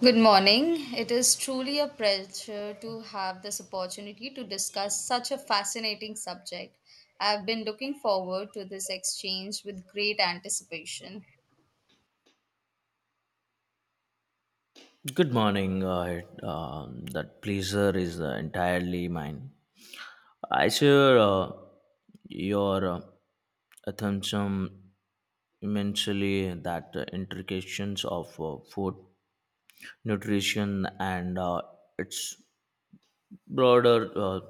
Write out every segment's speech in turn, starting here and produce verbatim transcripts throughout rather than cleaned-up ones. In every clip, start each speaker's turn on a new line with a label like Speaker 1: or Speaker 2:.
Speaker 1: Good morning. It is truly a pleasure to have this opportunity to discuss such a fascinating subject. I have been looking forward to this exchange with great anticipation.
Speaker 2: Good morning. Uh, it, um, that pleasure is uh, entirely mine. I share uh, your uh, attention immensely that uh, intrications of uh, food, nutrition, and uh, its broader uh,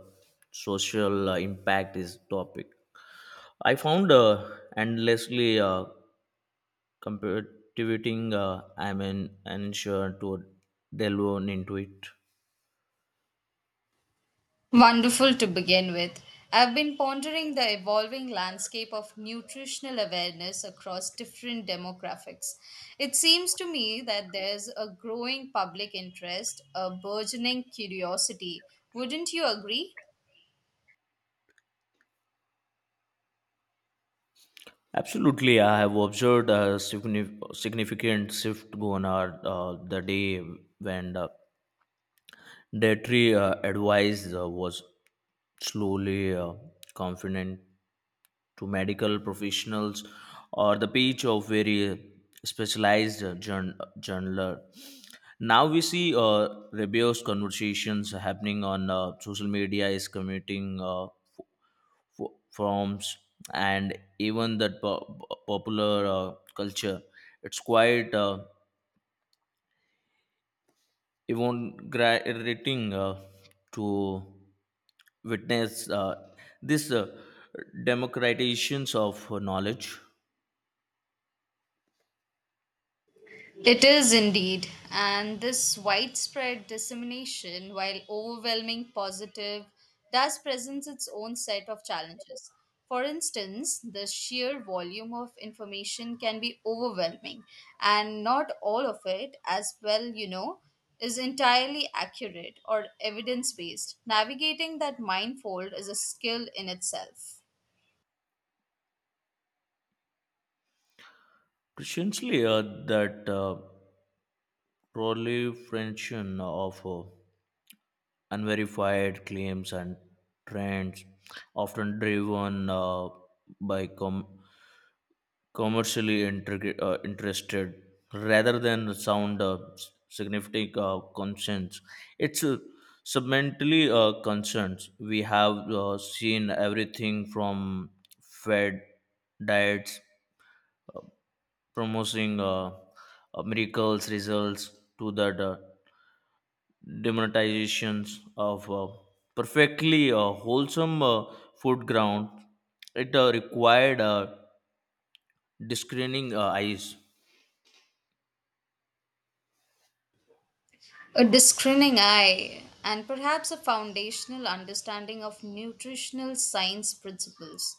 Speaker 2: social uh, impact is topic. I found uh, endlessly uh, competitive. Uh, I'm an unsure to delve on into it.
Speaker 1: Wonderful to begin with. I've been pondering the evolving landscape of nutritional awareness across different demographics. It seems to me that there's a growing public interest, a burgeoning curiosity. Wouldn't you agree?
Speaker 2: Absolutely, I have observed a signif- significant shift going on uh, the day when the dietary uh, advice uh, was slowly uh, confident to medical professionals or the page of very specialized uh, journ- journaler. Now we see uh, rebellious conversations happening on uh, social media is committing uh, fo- forms and even that po- popular uh, culture. It's quite uh, exhilarating uh, to witness uh, this uh, democratizations of knowledge.
Speaker 1: It is indeed, and this widespread dissemination, while overwhelming positive, does presents its own set of challenges. For instance, the sheer volume of information can be overwhelming, and not all of it, as well, you know, is entirely accurate or evidence based. Navigating that minefield is a skill in itself.
Speaker 2: Christianly uh, that uh, proliferation of uh, unverified claims and trends often driven uh, by com- commercially intrigu- uh, interested rather than sound uh, s- significant uh, concerns. It's uh, submentally uh, concerns. We have uh, seen everything from fed diets promoting uh, uh, miracles results to the uh, demonetizations of uh, perfectly uh, wholesome uh, food ground. It uh, required uh, discerning uh, eyes.
Speaker 1: A discerning eye, and perhaps a foundational understanding of nutritional science principles.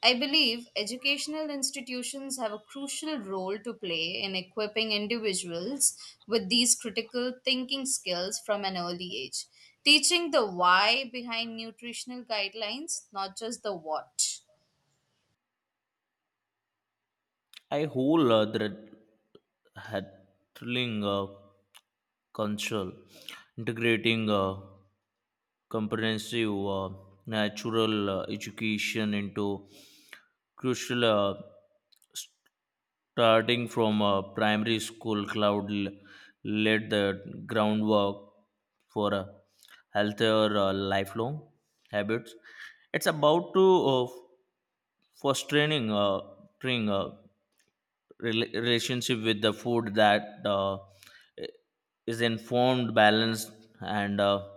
Speaker 1: I believe educational institutions have a crucial role to play in equipping individuals with these critical thinking skills from an early age, teaching the why behind nutritional guidelines, not just the what.
Speaker 2: I whole other handling uh, console, integrating uh, comprehensive uh, natural uh, education into crucial uh, starting from uh, primary school cloud l- laid the groundwork for a healthier uh, lifelong habits. It's about to uh, f- fostering uh, training, uh, rela- relationship with the food that uh, is informed, balanced, and uh,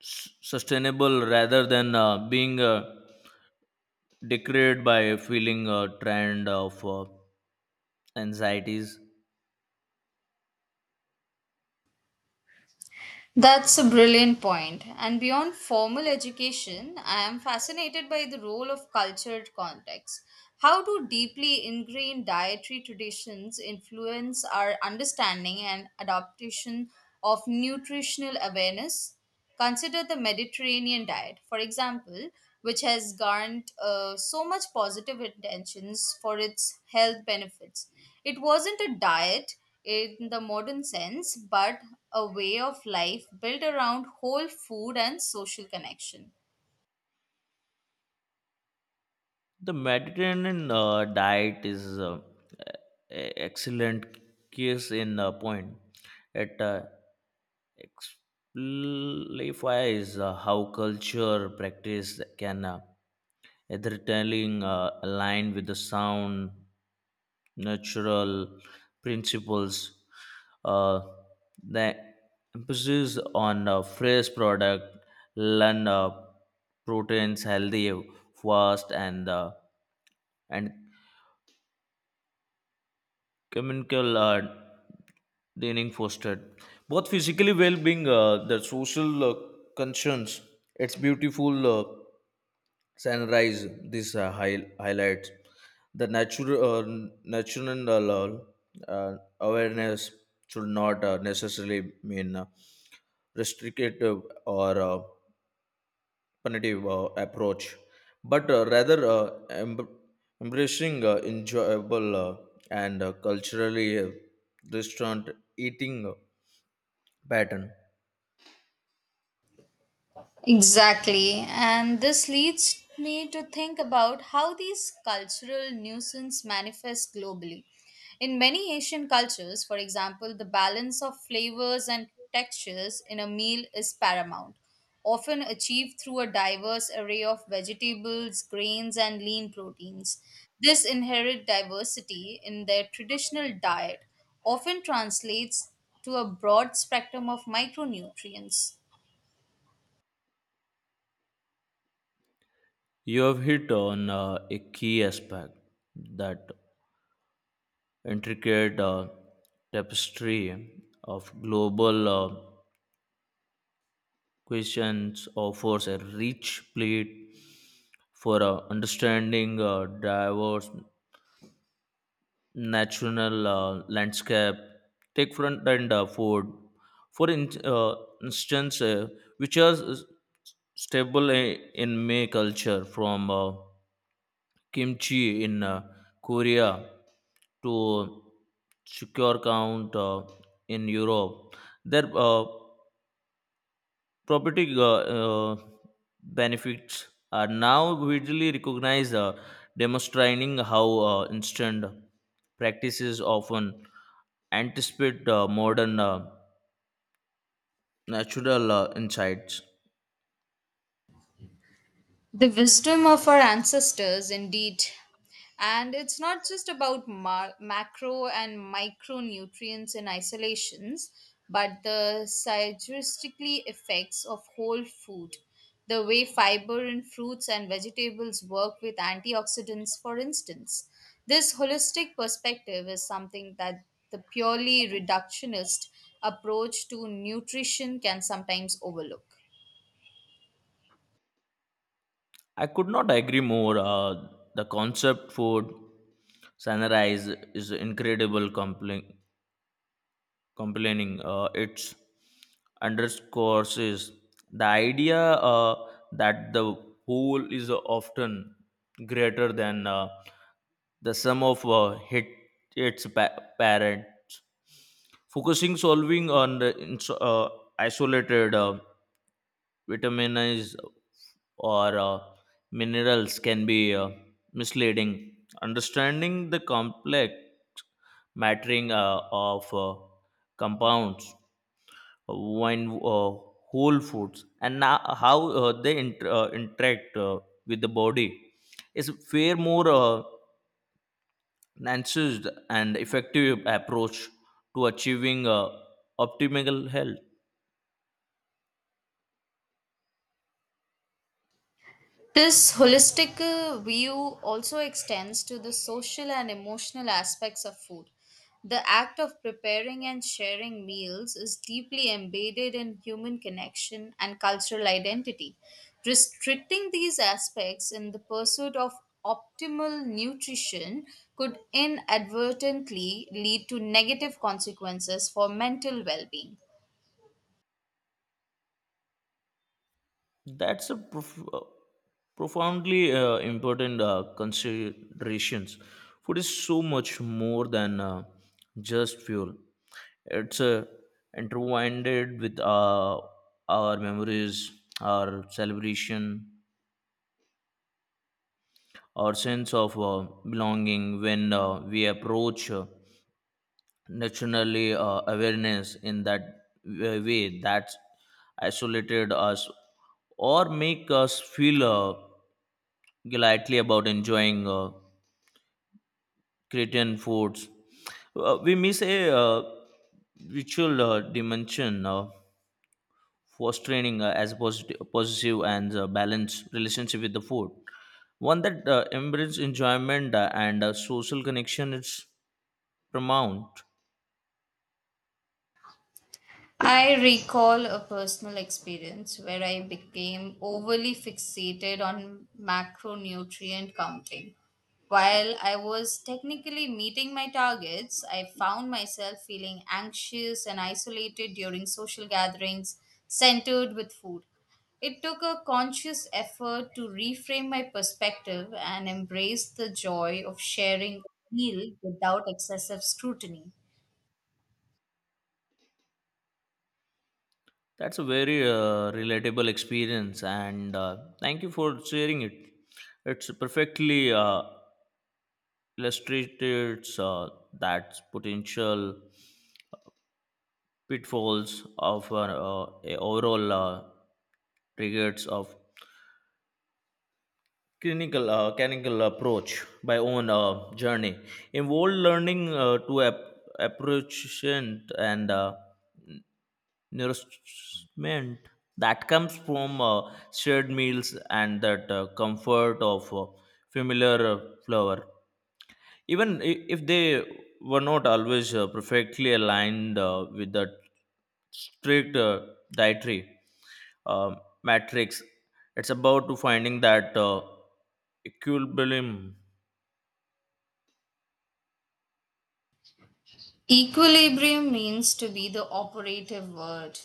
Speaker 2: s- sustainable rather than uh, being uh, decorated by feeling a trend of uh, anxieties.
Speaker 1: That's a brilliant point. And beyond formal education, I am fascinated by the role of cultured context. How do deeply ingrained dietary traditions influence our understanding and adaptation of nutritional awareness? Consider the Mediterranean diet, for example, which has garnered uh, so much positive intentions for its health benefits. It wasn't a diet in the modern sense, but a way of life built around whole food and social connection.
Speaker 2: The Mediterranean uh, diet is uh, e- excellent case in uh, point. It uh, exemplifies uh, how culture practice can uh, either telling uh, align with the sound natural principles. Uh, the emphasis on uh, fresh product, learn uh, proteins healthy, fast, and uh, and chemical uh, dining fostered both physically well-being uh, the social uh, concerns. It's beautiful. Uh, sunrise this uh, high, highlights the natural uh, natural uh, awareness should not uh, necessarily mean uh, restrictive or uh, punitive uh, approach but uh, rather uh, em- embracing uh, enjoyable uh, and uh, culturally uh, restaurant eating pattern.
Speaker 1: Exactly. And this leads me to think about how these cultural nuisance manifest globally. In many Asian cultures, for example, the balance of flavors and textures in a meal is paramount, often achieved through a diverse array of vegetables, grains, and lean proteins. This inherent diversity in their traditional diet often translates to a broad spectrum of micronutrients.
Speaker 2: You have hit on uh, a key aspect that intricate uh, tapestry of global uh, questions offers a rich plate for uh, understanding uh, diverse national uh, landscape. Take front and uh, forward. For in, uh, instance, uh, which are s- stable i- in May culture from uh, kimchi in uh, Korea to secure count uh, in Europe. Their uh, property uh, uh, benefits are now widely recognized, uh, demonstrating how uh, instant practices often anticipate uh, modern uh, natural uh, insights.
Speaker 1: The wisdom of our ancestors, indeed. And it's not just about ma- macro and micronutrients in isolations, but the synergistically effects of whole food. The way fiber in fruits and vegetables work with antioxidants, for instance. This holistic perspective is something that the purely reductionist approach to nutrition can sometimes overlook.
Speaker 2: I could not agree more. Uh, the concept food sunrise is incredible compelling complaining uh, it's underscores is the idea uh, that the whole is often greater than uh, the sum of uh, hit, its pa- parents. Focusing solving on the ins- uh, isolated uh, vitamins or uh, minerals can be uh, misleading. Understanding the complex mattering uh, of uh, compounds uh, when uh, whole foods and now how uh, they inter- uh, interact uh, with the body is far more uh, enhanced and effective approach to achieving uh, optimal health.
Speaker 1: This holistic uh, view also extends to the social and emotional aspects of food. The act of preparing and sharing meals is deeply embedded in human connection and cultural identity. Restricting these aspects in the pursuit of optimal nutrition could inadvertently lead to negative consequences for mental well being.
Speaker 2: That's a prof- uh, profoundly uh, important uh, considerations. Food is so much more than uh, just fuel. It's uh, intertwined with uh, our memories, our celebration, our sense of uh, belonging. When uh, we approach uh, naturally uh, awareness in that w- way, that isolated us or make us feel. Uh, Gladly about enjoying uh, Cretan foods. Uh, we miss a uh, ritual uh, dimension uh, fostering uh, as positive, positive and uh, balanced relationship with the food. One that uh, embraces enjoyment uh, and uh, social connection is paramount.
Speaker 1: I recall a personal experience where I became overly fixated on macronutrient counting. While I was technically meeting my targets, I found myself feeling anxious and isolated during social gatherings centered with food. It took a conscious effort to reframe my perspective and embrace the joy of sharing a meal without excessive scrutiny.
Speaker 2: That's a very uh, relatable experience, and uh, thank you for sharing it. It's perfectly uh, illustrated uh, that potential pitfalls of uh, uh, a overall uh, regards of clinical uh, clinical approach by own uh, journey involved learning uh, to ap- approach and uh, nourishment that comes from uh, shared meals and that uh, comfort of uh, familiar uh, flour even i- if they were not always uh, perfectly aligned uh, with the strict uh, dietary uh, matrix. It's about to finding that uh, equilibrium.
Speaker 1: Equilibrium means to be the operative word.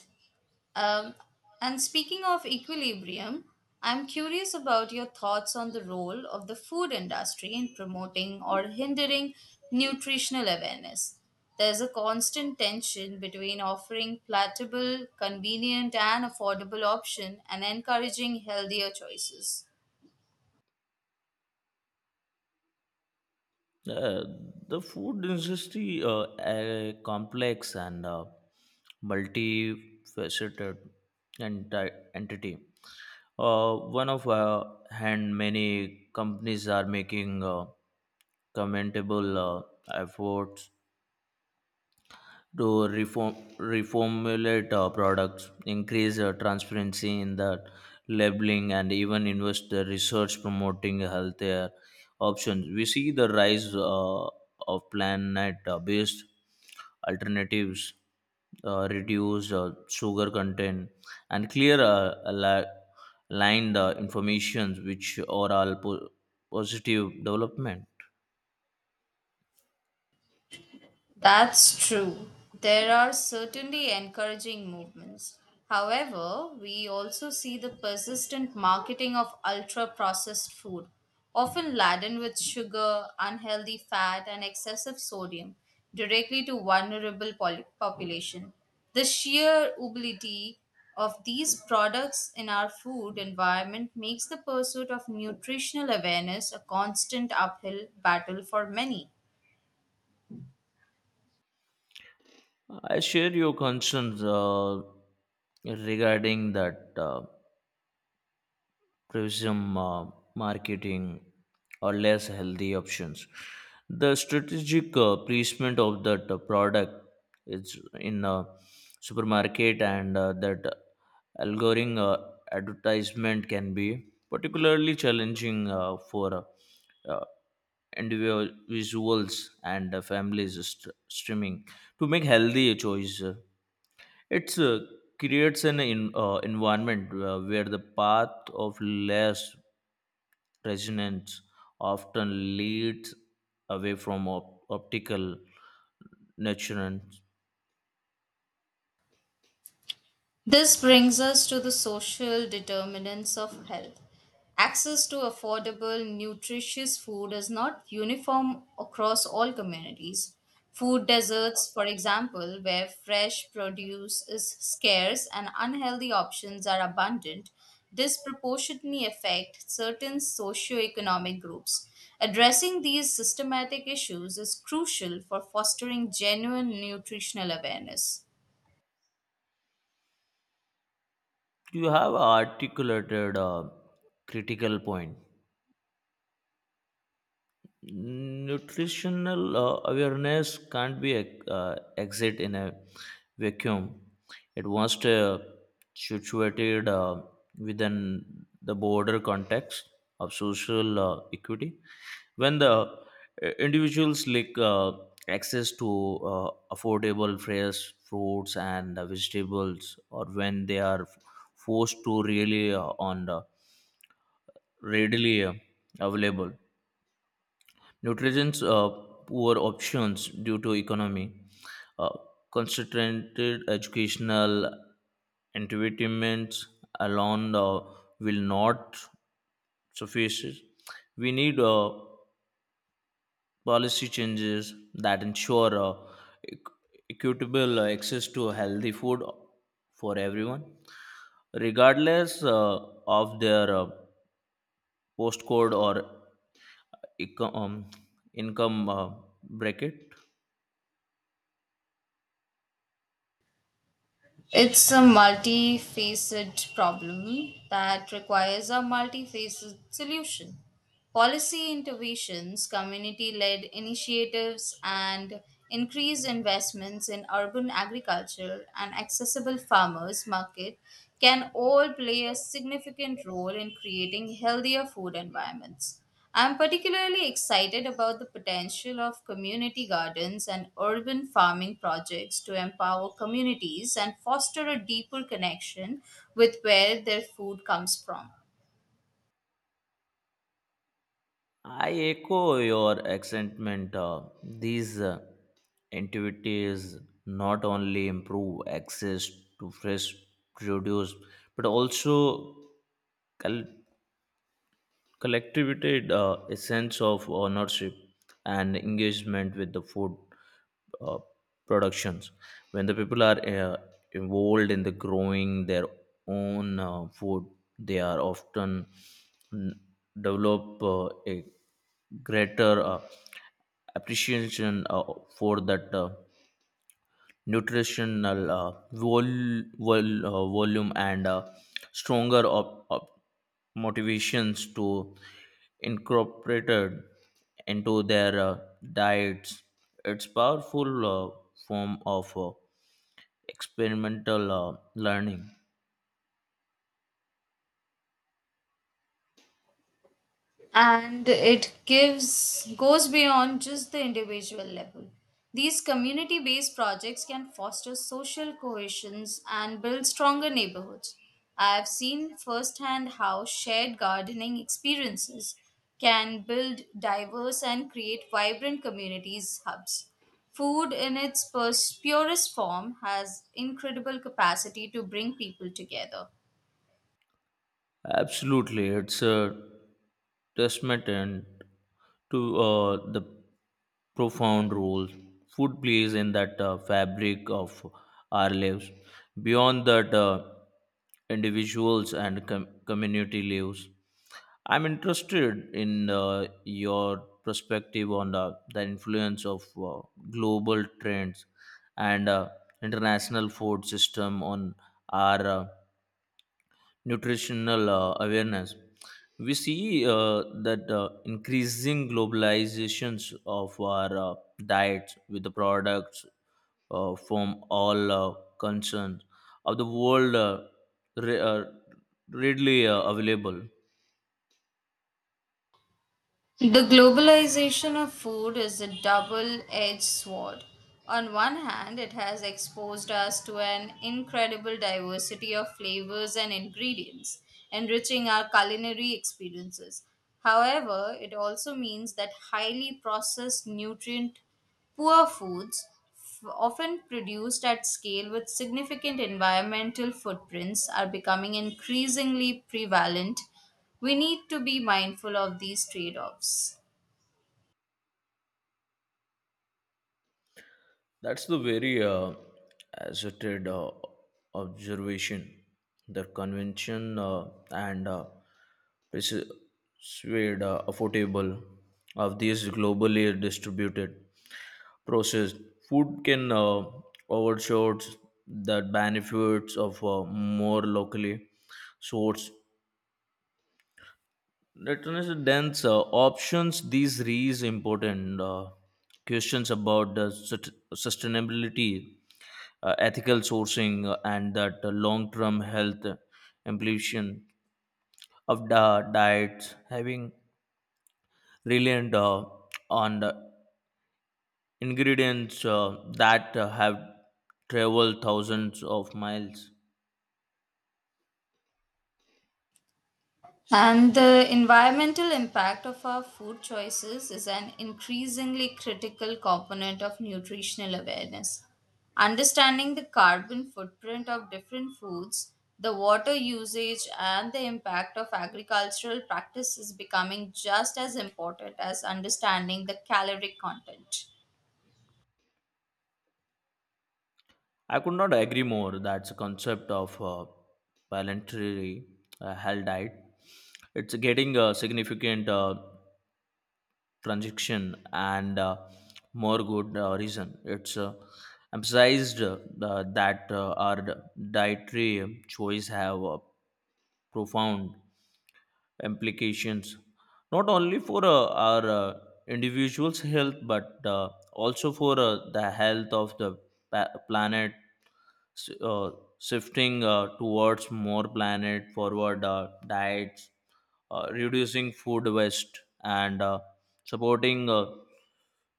Speaker 1: Um, and speaking of equilibrium, I'm curious about your thoughts on the role of the food industry in promoting or hindering nutritional awareness. There's a constant tension between offering palatable, convenient, and affordable option and encouraging healthier choices.
Speaker 2: Uh, the food industry uh, uh, complex and uh, multifaceted enti- entity. Uh, one of uh, hand many companies are making uh, commendable uh, efforts to reform, reformulate uh, products, increase uh, transparency in the labeling, and even invest the research promoting healthier options. We see the rise uh, of plant-based alternatives, uh, reduce uh, sugar content, and clear uh, ali- aligned uh, information, which are all po- positive development.
Speaker 1: That's true. There are certainly encouraging movements. However, we also see the persistent marketing of ultra processed food, often laden with sugar, unhealthy fat, and excessive sodium, directly to vulnerable poli- population. The sheer ubiquity of these products in our food environment makes the pursuit of nutritional awareness a constant uphill battle for many.
Speaker 2: I share your concerns uh, regarding that uh, prism uh, marketing or less healthy options. The strategic uh, placement of that uh, product is in a supermarket, and uh, that algorithm uh, advertisement can be particularly challenging uh, for uh, individuals and uh, families st- streaming to make healthy choice. uh, it uh, creates an in, uh, environment uh, where the path of less resonance often leads away from op- optical nurturance.
Speaker 1: This brings us to the social determinants of health. Access to affordable, nutritious food is not uniform across all communities. Food deserts, for example, where fresh produce is scarce and unhealthy options are abundant, disproportionately affect certain socioeconomic groups. Addressing these systematic issues is crucial for fostering genuine nutritional awareness.
Speaker 2: You have articulated a critical point. Nutritional uh, awareness can't be uh, exit in a vacuum. It must uh, situated uh, within the broader context of social uh, equity. When the uh, individuals lack uh, access to uh, affordable fresh fruits and uh, vegetables, or when they are forced to rely uh, on the readily uh, available Nutrition's uh, poor options due to economy, uh, concentrated educational entitlements alone uh, will not suffice. We need uh, policy changes that ensure uh, equ- equitable access to healthy food for everyone, regardless uh, of their uh, postcode or eco- um, income uh, bracket.
Speaker 1: It's a multifaceted problem that requires a multifaceted solution. Policy interventions, community led initiatives, and increased investments in urban agriculture and accessible farmers' market can all play a significant role in creating healthier food environments. I'm particularly excited about the potential of community gardens and urban farming projects to empower communities and foster a deeper connection with where their food comes from.
Speaker 2: I echo your excitement. uh, these uh, activities not only improve access to fresh produce but also collectivity, uh, a sense of ownership and engagement with the food uh, productions. When the people are uh, involved in the growing their own uh, food, they are often mm, develop uh, a greater uh, appreciation uh, for that. Uh, nutritional uh, vol- vol- uh, volume and uh, stronger op- op- motivations to incorporate into their uh, diets. It's powerful uh, form of uh, experimental uh, learning.
Speaker 1: And it gives goes beyond just the individual level. These community based projects can foster social cohesions and build stronger neighborhoods. I have seen firsthand how shared gardening experiences can build diverse and create vibrant communities hubs. Food in its purs- purest form has incredible capacity to bring people together.
Speaker 2: Absolutely, it's a testament and to uh, the profound role food plays in that uh, fabric of our lives. Beyond that, uh, individuals and com- community lives. I'm interested in uh, your perspective on the, the influence of uh, global trends and uh, international food system on our uh, nutritional uh, awareness. We see uh, that uh, increasing globalizations of our uh, diets with the products uh, from all uh, concerns of the world uh, re- uh, readily uh, available.
Speaker 1: The globalization of food is a double edged sword. On one hand, it has exposed us to an incredible diversity of flavors and ingredients, enriching our culinary experiences. However, it also means that highly processed, nutrient poor foods, f- often produced at scale with significant environmental footprints, are becoming increasingly prevalent. We need to be mindful of these trade offs.
Speaker 2: That's the very uh, asserted uh, observation. The convention uh, and uh, persuade uh, affordable of these globally distributed processed food can uh, overshoot the benefits of uh, more locally sourced. That is dense uh, options. These raise important uh, questions about the sust- sustainability uh, ethical sourcing uh, and that uh, long-term health implication of the diets having reliant uh, on the ingredients uh, that uh, have traveled thousands of miles.
Speaker 1: And the environmental impact of our food choices is an increasingly critical component of nutritional awareness. Understanding the carbon footprint of different foods, the water usage, and the impact of agricultural practice is becoming just as important as understanding the caloric content.
Speaker 2: I could not agree more. That's a concept of uh, planetary uh, health diet. It's getting a significant uh, transaction and uh, more good uh, reason. It's uh, emphasized uh, that uh, our dietary choice have uh, profound implications not only for uh, our uh, individual's health but uh, also for uh, the health of the pa- planet. S- uh, shifting uh, towards more planet forward uh, diets uh, reducing food waste and uh, supporting uh,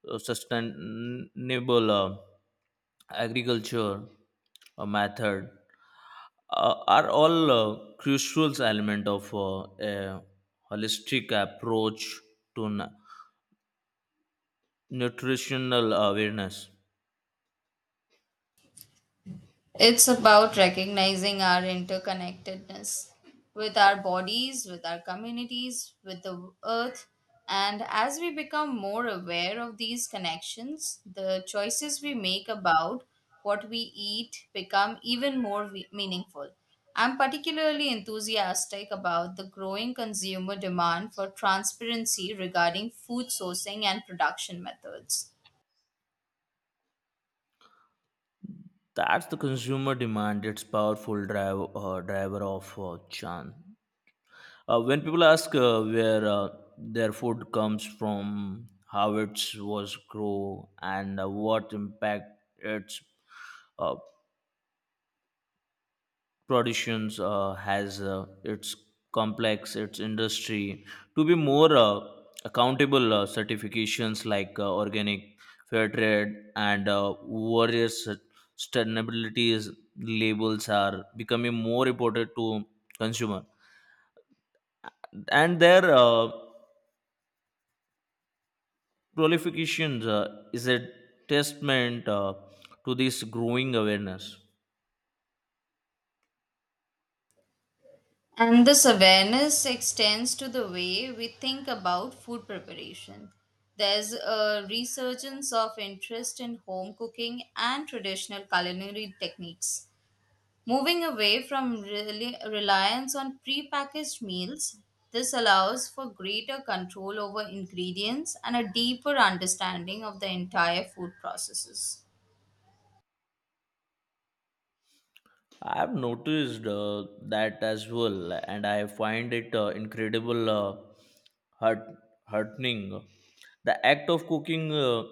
Speaker 2: uh, sustainable uh, agriculture uh, method uh, are all uh, crucial element of uh, a holistic approach to nu- nutritional awareness.
Speaker 1: It's about recognizing our interconnectedness with our bodies, with our communities, with the earth. And as we become more aware of these connections, the choices we make about what we eat become even more we- meaningful. I'm particularly enthusiastic about the growing consumer demand for transparency regarding food sourcing and production methods.
Speaker 2: That's the consumer demand. It's powerful drive, uh, driver of uh, chan. Uh, when people ask uh, where uh, their food comes from, how it was grown, and uh, what impact it's uh, productions uh, has uh, its complex its industry to be more uh, accountable. uh, certifications like uh, organic fair trade and uh, various sustainability labels are becoming more important to consumer and their uh, prolifications uh, is a testament uh, to this growing awareness.
Speaker 1: And this awareness extends to the way we think about food preparation. There's a resurgence of interest in home cooking and traditional culinary techniques. Moving away from reli- reliance on prepackaged meals, this allows for greater control over ingredients and a deeper understanding of the entire food processes.
Speaker 2: I've noticed uh, that as well, and I find it uh, incredible uh, heart heartening. The act of cooking uh,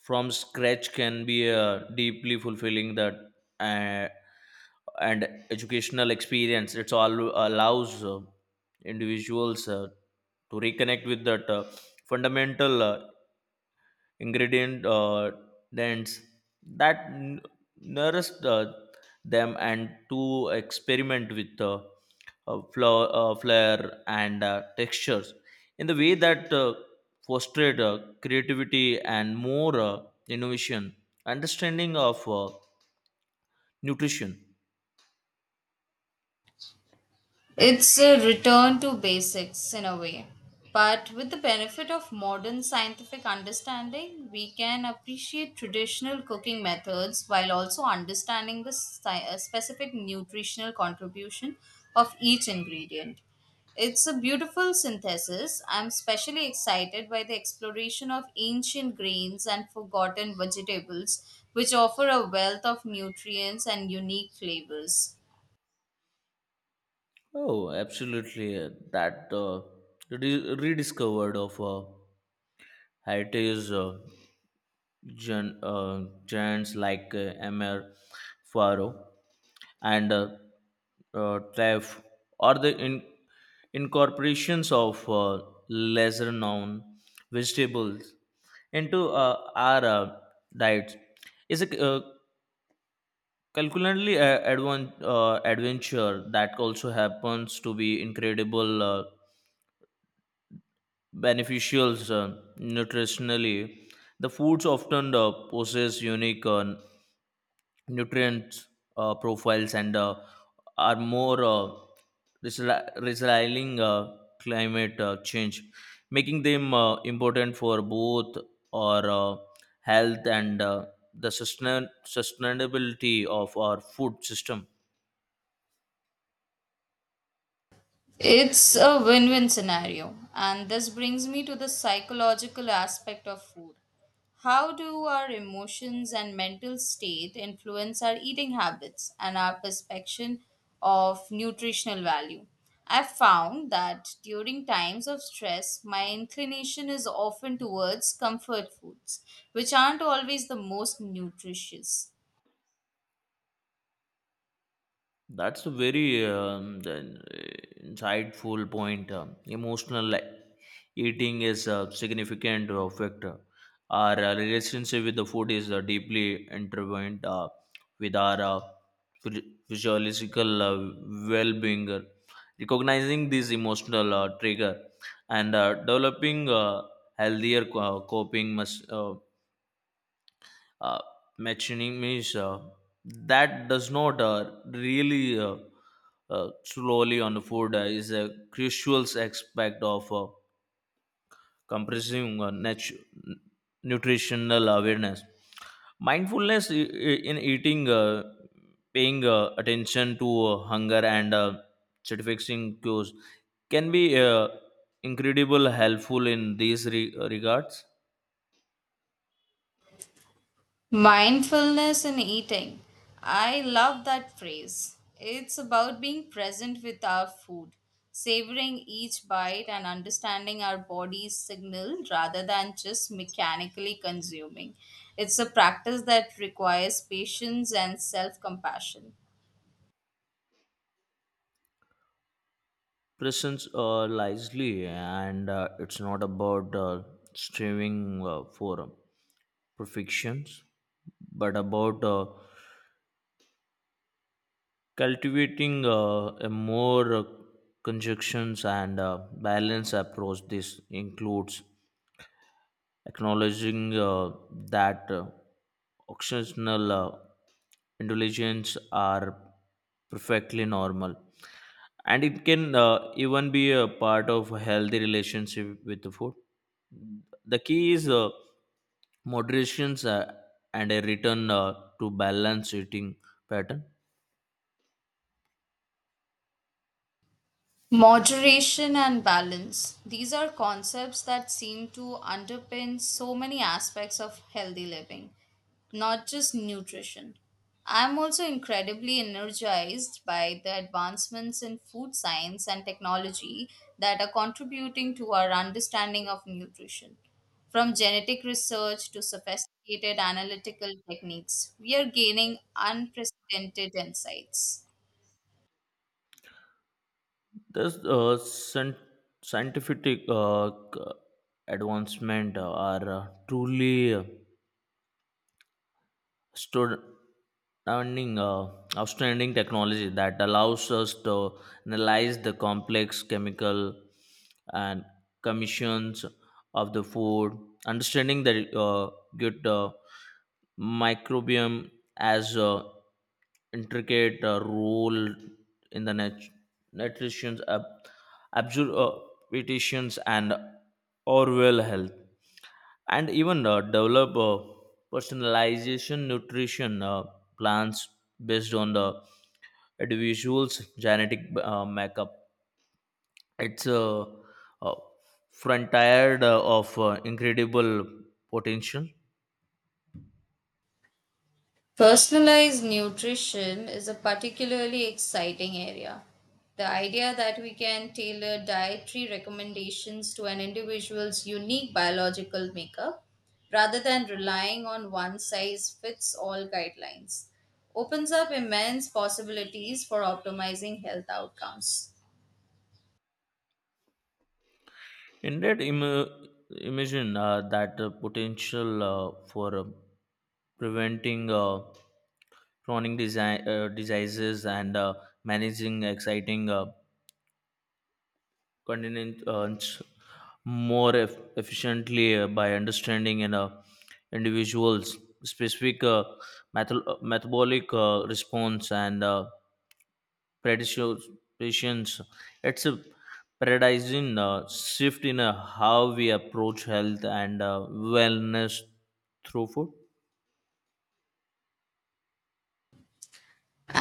Speaker 2: from scratch can be uh, deeply fulfilling. That uh, and educational experience. It's all allows uh, individuals uh, to reconnect with that uh, fundamental uh, ingredient uh, dents that n- nourished uh, them and to experiment with uh, uh, flour, uh, flair and uh, textures in the way that uh, fostered uh, creativity and more uh, innovation understanding of uh, nutrition.
Speaker 1: It's a return to basics in a way. But with the benefit of modern scientific understanding, we can appreciate traditional cooking methods while also understanding the sci- uh, specific nutritional contribution of each ingredient. It's a beautiful synthesis. I'm especially excited by the exploration of ancient grains and forgotten vegetables, which offer a wealth of nutrients and unique flavors.
Speaker 2: Oh, absolutely. uh, that uh, re- rediscovered of uh, heritage uh, gen- uh, giants like uh, Emer Faro and uh, uh, Trev, or the in- incorporations of uh, lesser known vegetables into uh, our uh, diets is a uh, calculatedly uh, advan- uh, adventure that also happens to be incredible uh, beneficial uh, nutritionally. The foods often uh, possess unique uh, nutrient uh, profiles and uh, are more uh, resili- resilient uh, climate uh, change, making them uh, important for both our uh, health and uh, the sustain- sustainability of our food system.
Speaker 1: It's a win win scenario. And this brings me to the psychological aspect of food. How do our emotions and mental state influence our eating habits and our perception of nutritional value? I've found that during times of stress, my inclination is often towards comfort foods, which aren't always the most nutritious.
Speaker 2: That's a very um, the- uh, insightful point. Um, emotional like, eating is a significant uh, factor. Our uh, relationship with the food is uh, deeply intertwined uh, with our uh, phy- physiological uh, well being. Recognizing this emotional uh, trigger and uh, developing uh, healthier co- uh, coping must, uh, uh, mechanisms uh, that does not uh, really uh, uh, slowly on the food uh, is a crucial aspect of. Uh, compressing uh, natu- nutritional awareness, mindfulness i- i- in eating, uh, paying uh, attention to uh, hunger and uh, satisfying cues can be uh, incredible helpful in these re- uh, regards.
Speaker 1: Mindfulness in eating. I love that phrase. It's about being present with our food, savoring each bite, and understanding our body's signal rather than just mechanically consuming. It's a practice that requires patience and self compassion.
Speaker 2: Presence uh, lively, and uh, it's not about uh, striving uh, for uh, perfections but about uh, cultivating uh, a more uh, conjunctions and uh, balanced approach. This includes acknowledging uh, that uh, occasional uh, indulgences are perfectly normal, and it can uh, even be a part of a healthy relationship with the food. The key is uh, moderations uh, and a return uh, to balance eating pattern.
Speaker 1: Moderation and balance. These are concepts that seem to underpin so many aspects of healthy living, not just nutrition. I'm also incredibly energized by the advancements in food science and technology that are contributing to our understanding of nutrition. From genetic research to sophisticated analytical techniques, we are gaining unprecedented insights.
Speaker 2: This uh, scien- scientific uh, c- advancement uh, are uh, truly uh, stud- outstanding, uh, outstanding technology that allows us to analyze the complex chemical and commissions of the food, understanding the uh, good uh, microbiome as uh, intricate uh, role in the nat- nutrition's ab- absorptions and overall health, and even uh, develop uh, personalization nutrition uh, plans based on the individual's genetic uh, makeup. It's a, a frontier uh, of uh, incredible potential.
Speaker 1: Personalized nutrition is a particularly exciting area. The idea that we can tailor dietary recommendations to an individual's unique biological makeup rather than relying on one size fits all guidelines opens up immense possibilities for optimizing health outcomes.
Speaker 2: Indeed, Im- imagine uh, that uh, potential uh, for uh, preventing uh, chronic desi- uh, diseases and uh, managing exciting uh, continents more eff- efficiently uh, by understanding an uh, individual's specific uh, metal- uh, metabolic uh, response and uh, predispositions. It's a paradigm uh, shift in uh, how we approach health and uh, wellness through food.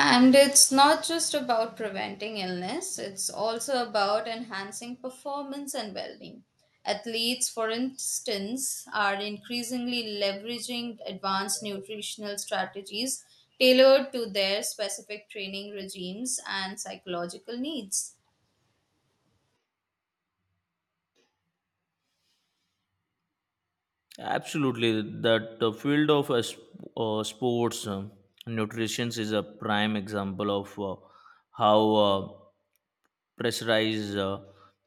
Speaker 1: And it's not just about preventing illness, it's also about enhancing performance and well being. Athletes, for instance, are increasingly leveraging advanced nutritional strategies tailored to their specific training regimes and psychological needs.
Speaker 2: Absolutely, that the field of uh, sp- uh, sports uh, nutrition is a prime example of uh, how. Uh, pressurized uh,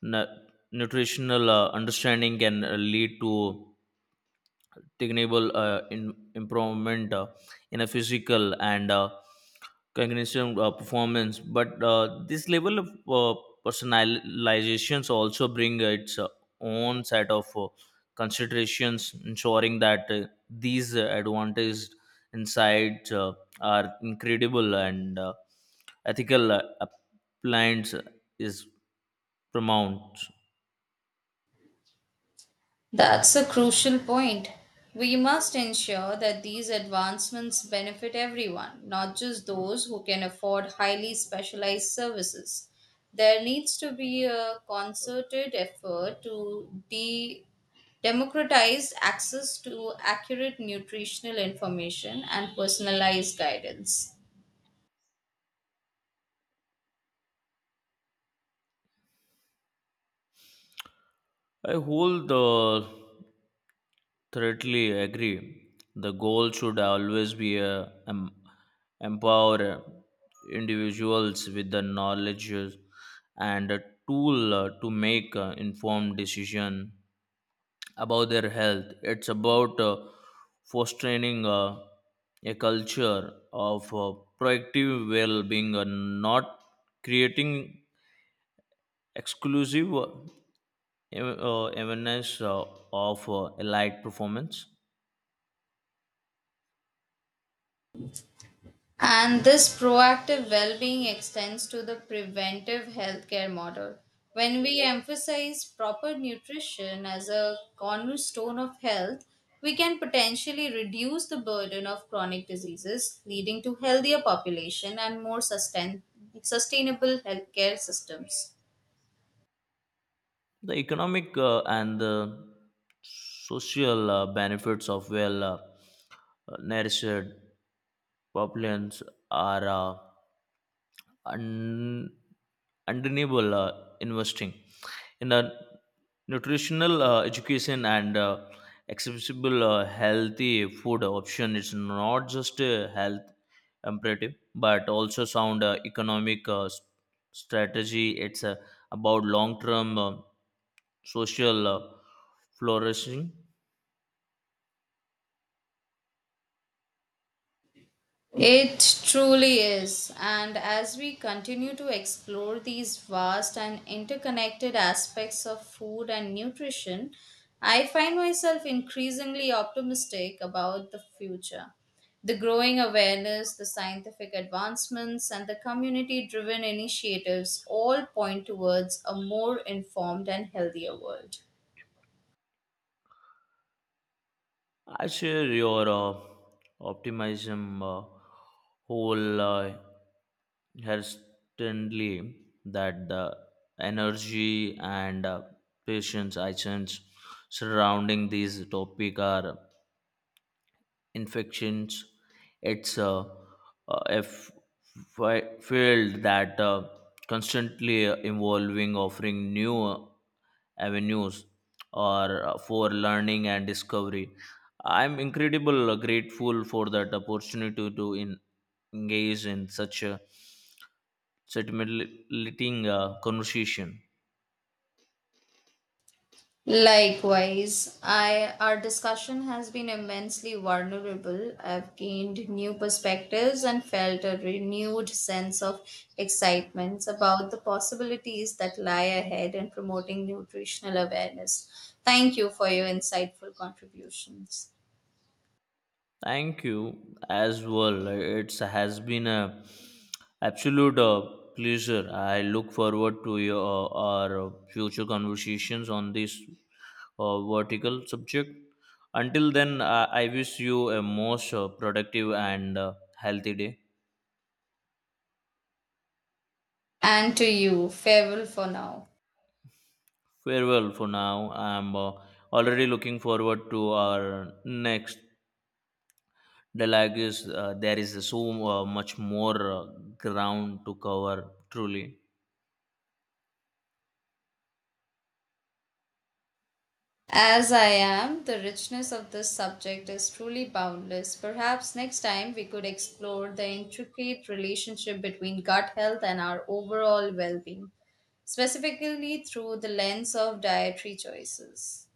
Speaker 2: nu- nutritional uh, understanding can uh, lead to tangible uh, in- improvement uh, in a physical and uh, cognition uh, performance. But uh, this level of uh, personalizations also bring its uh, own set of uh, considerations, ensuring that uh, these uh, advantaged insights uh, are incredible and uh, ethical uh, appliance is paramount.
Speaker 1: That's a crucial point. We must ensure that these advancements benefit everyone, not just those who can afford highly specialized services. There needs to be a concerted effort to de democratize access to accurate nutritional information and personalized guidance.
Speaker 2: I hold the totally agree. The goal should always be uh, em- empower individuals with the knowledge and a tool uh, to make uh, informed decision about their health. It's about uh, fostering uh, a culture of uh, proactive well-being, uh, not creating exclusive uh, ev- uh, awareness uh, of uh, elite performance.
Speaker 1: And this proactive well being extends to the preventive healthcare model. When we emphasize proper nutrition as a cornerstone of health, we can potentially reduce the burden of chronic diseases, leading to healthier population and more sustain- sustainable healthcare systems.
Speaker 2: The economic uh, and the social uh, benefits of well uh, uh, nourished populations are uh, un- undeniable. uh, investing in a nutritional uh, education and uh, accessible uh, healthy food option, it's not just a health imperative but also sound uh, economic uh, s- strategy. It's uh, about long term uh, social uh, flourishing.
Speaker 1: It truly is. And as we continue to explore these vast and interconnected aspects of food and nutrition, I find myself increasingly optimistic about the future. The growing awareness, the scientific advancements, and the community driven initiatives all point towards a more informed and healthier world.
Speaker 2: I share your uh, optimism uh, whole uh, hastily that the energy and uh, patience I sense surrounding this topic are infections. It's uh, uh, a f- fi- field that uh, constantly evolving, offering new uh, avenues or uh, for learning and discovery. I'm incredible uh, grateful for that opportunity to in, engage in such a stimulating uh, conversation.
Speaker 1: Likewise, I our discussion has been immensely vulnerable. I've gained new perspectives and felt a renewed sense of excitement about the possibilities that lie ahead in promoting nutritional awareness. Thank you for your insightful contributions.
Speaker 2: Thank you as well. It has been a absolute uh, pleasure. I look forward to your uh, our future conversations on this uh, vertical subject. Until then, I I wish you a most uh, productive and uh, healthy day.
Speaker 1: And to you, farewell for now.
Speaker 2: Farewell for now. I'm uh, already looking forward to our next dialogue. Is uh, there is so uh, much more uh, ground to cover. Truly.
Speaker 1: As I am, the richness of this subject is truly boundless. Perhaps next time we could explore the intricate relationship between gut health and our overall well being, specifically through the lens of dietary choices.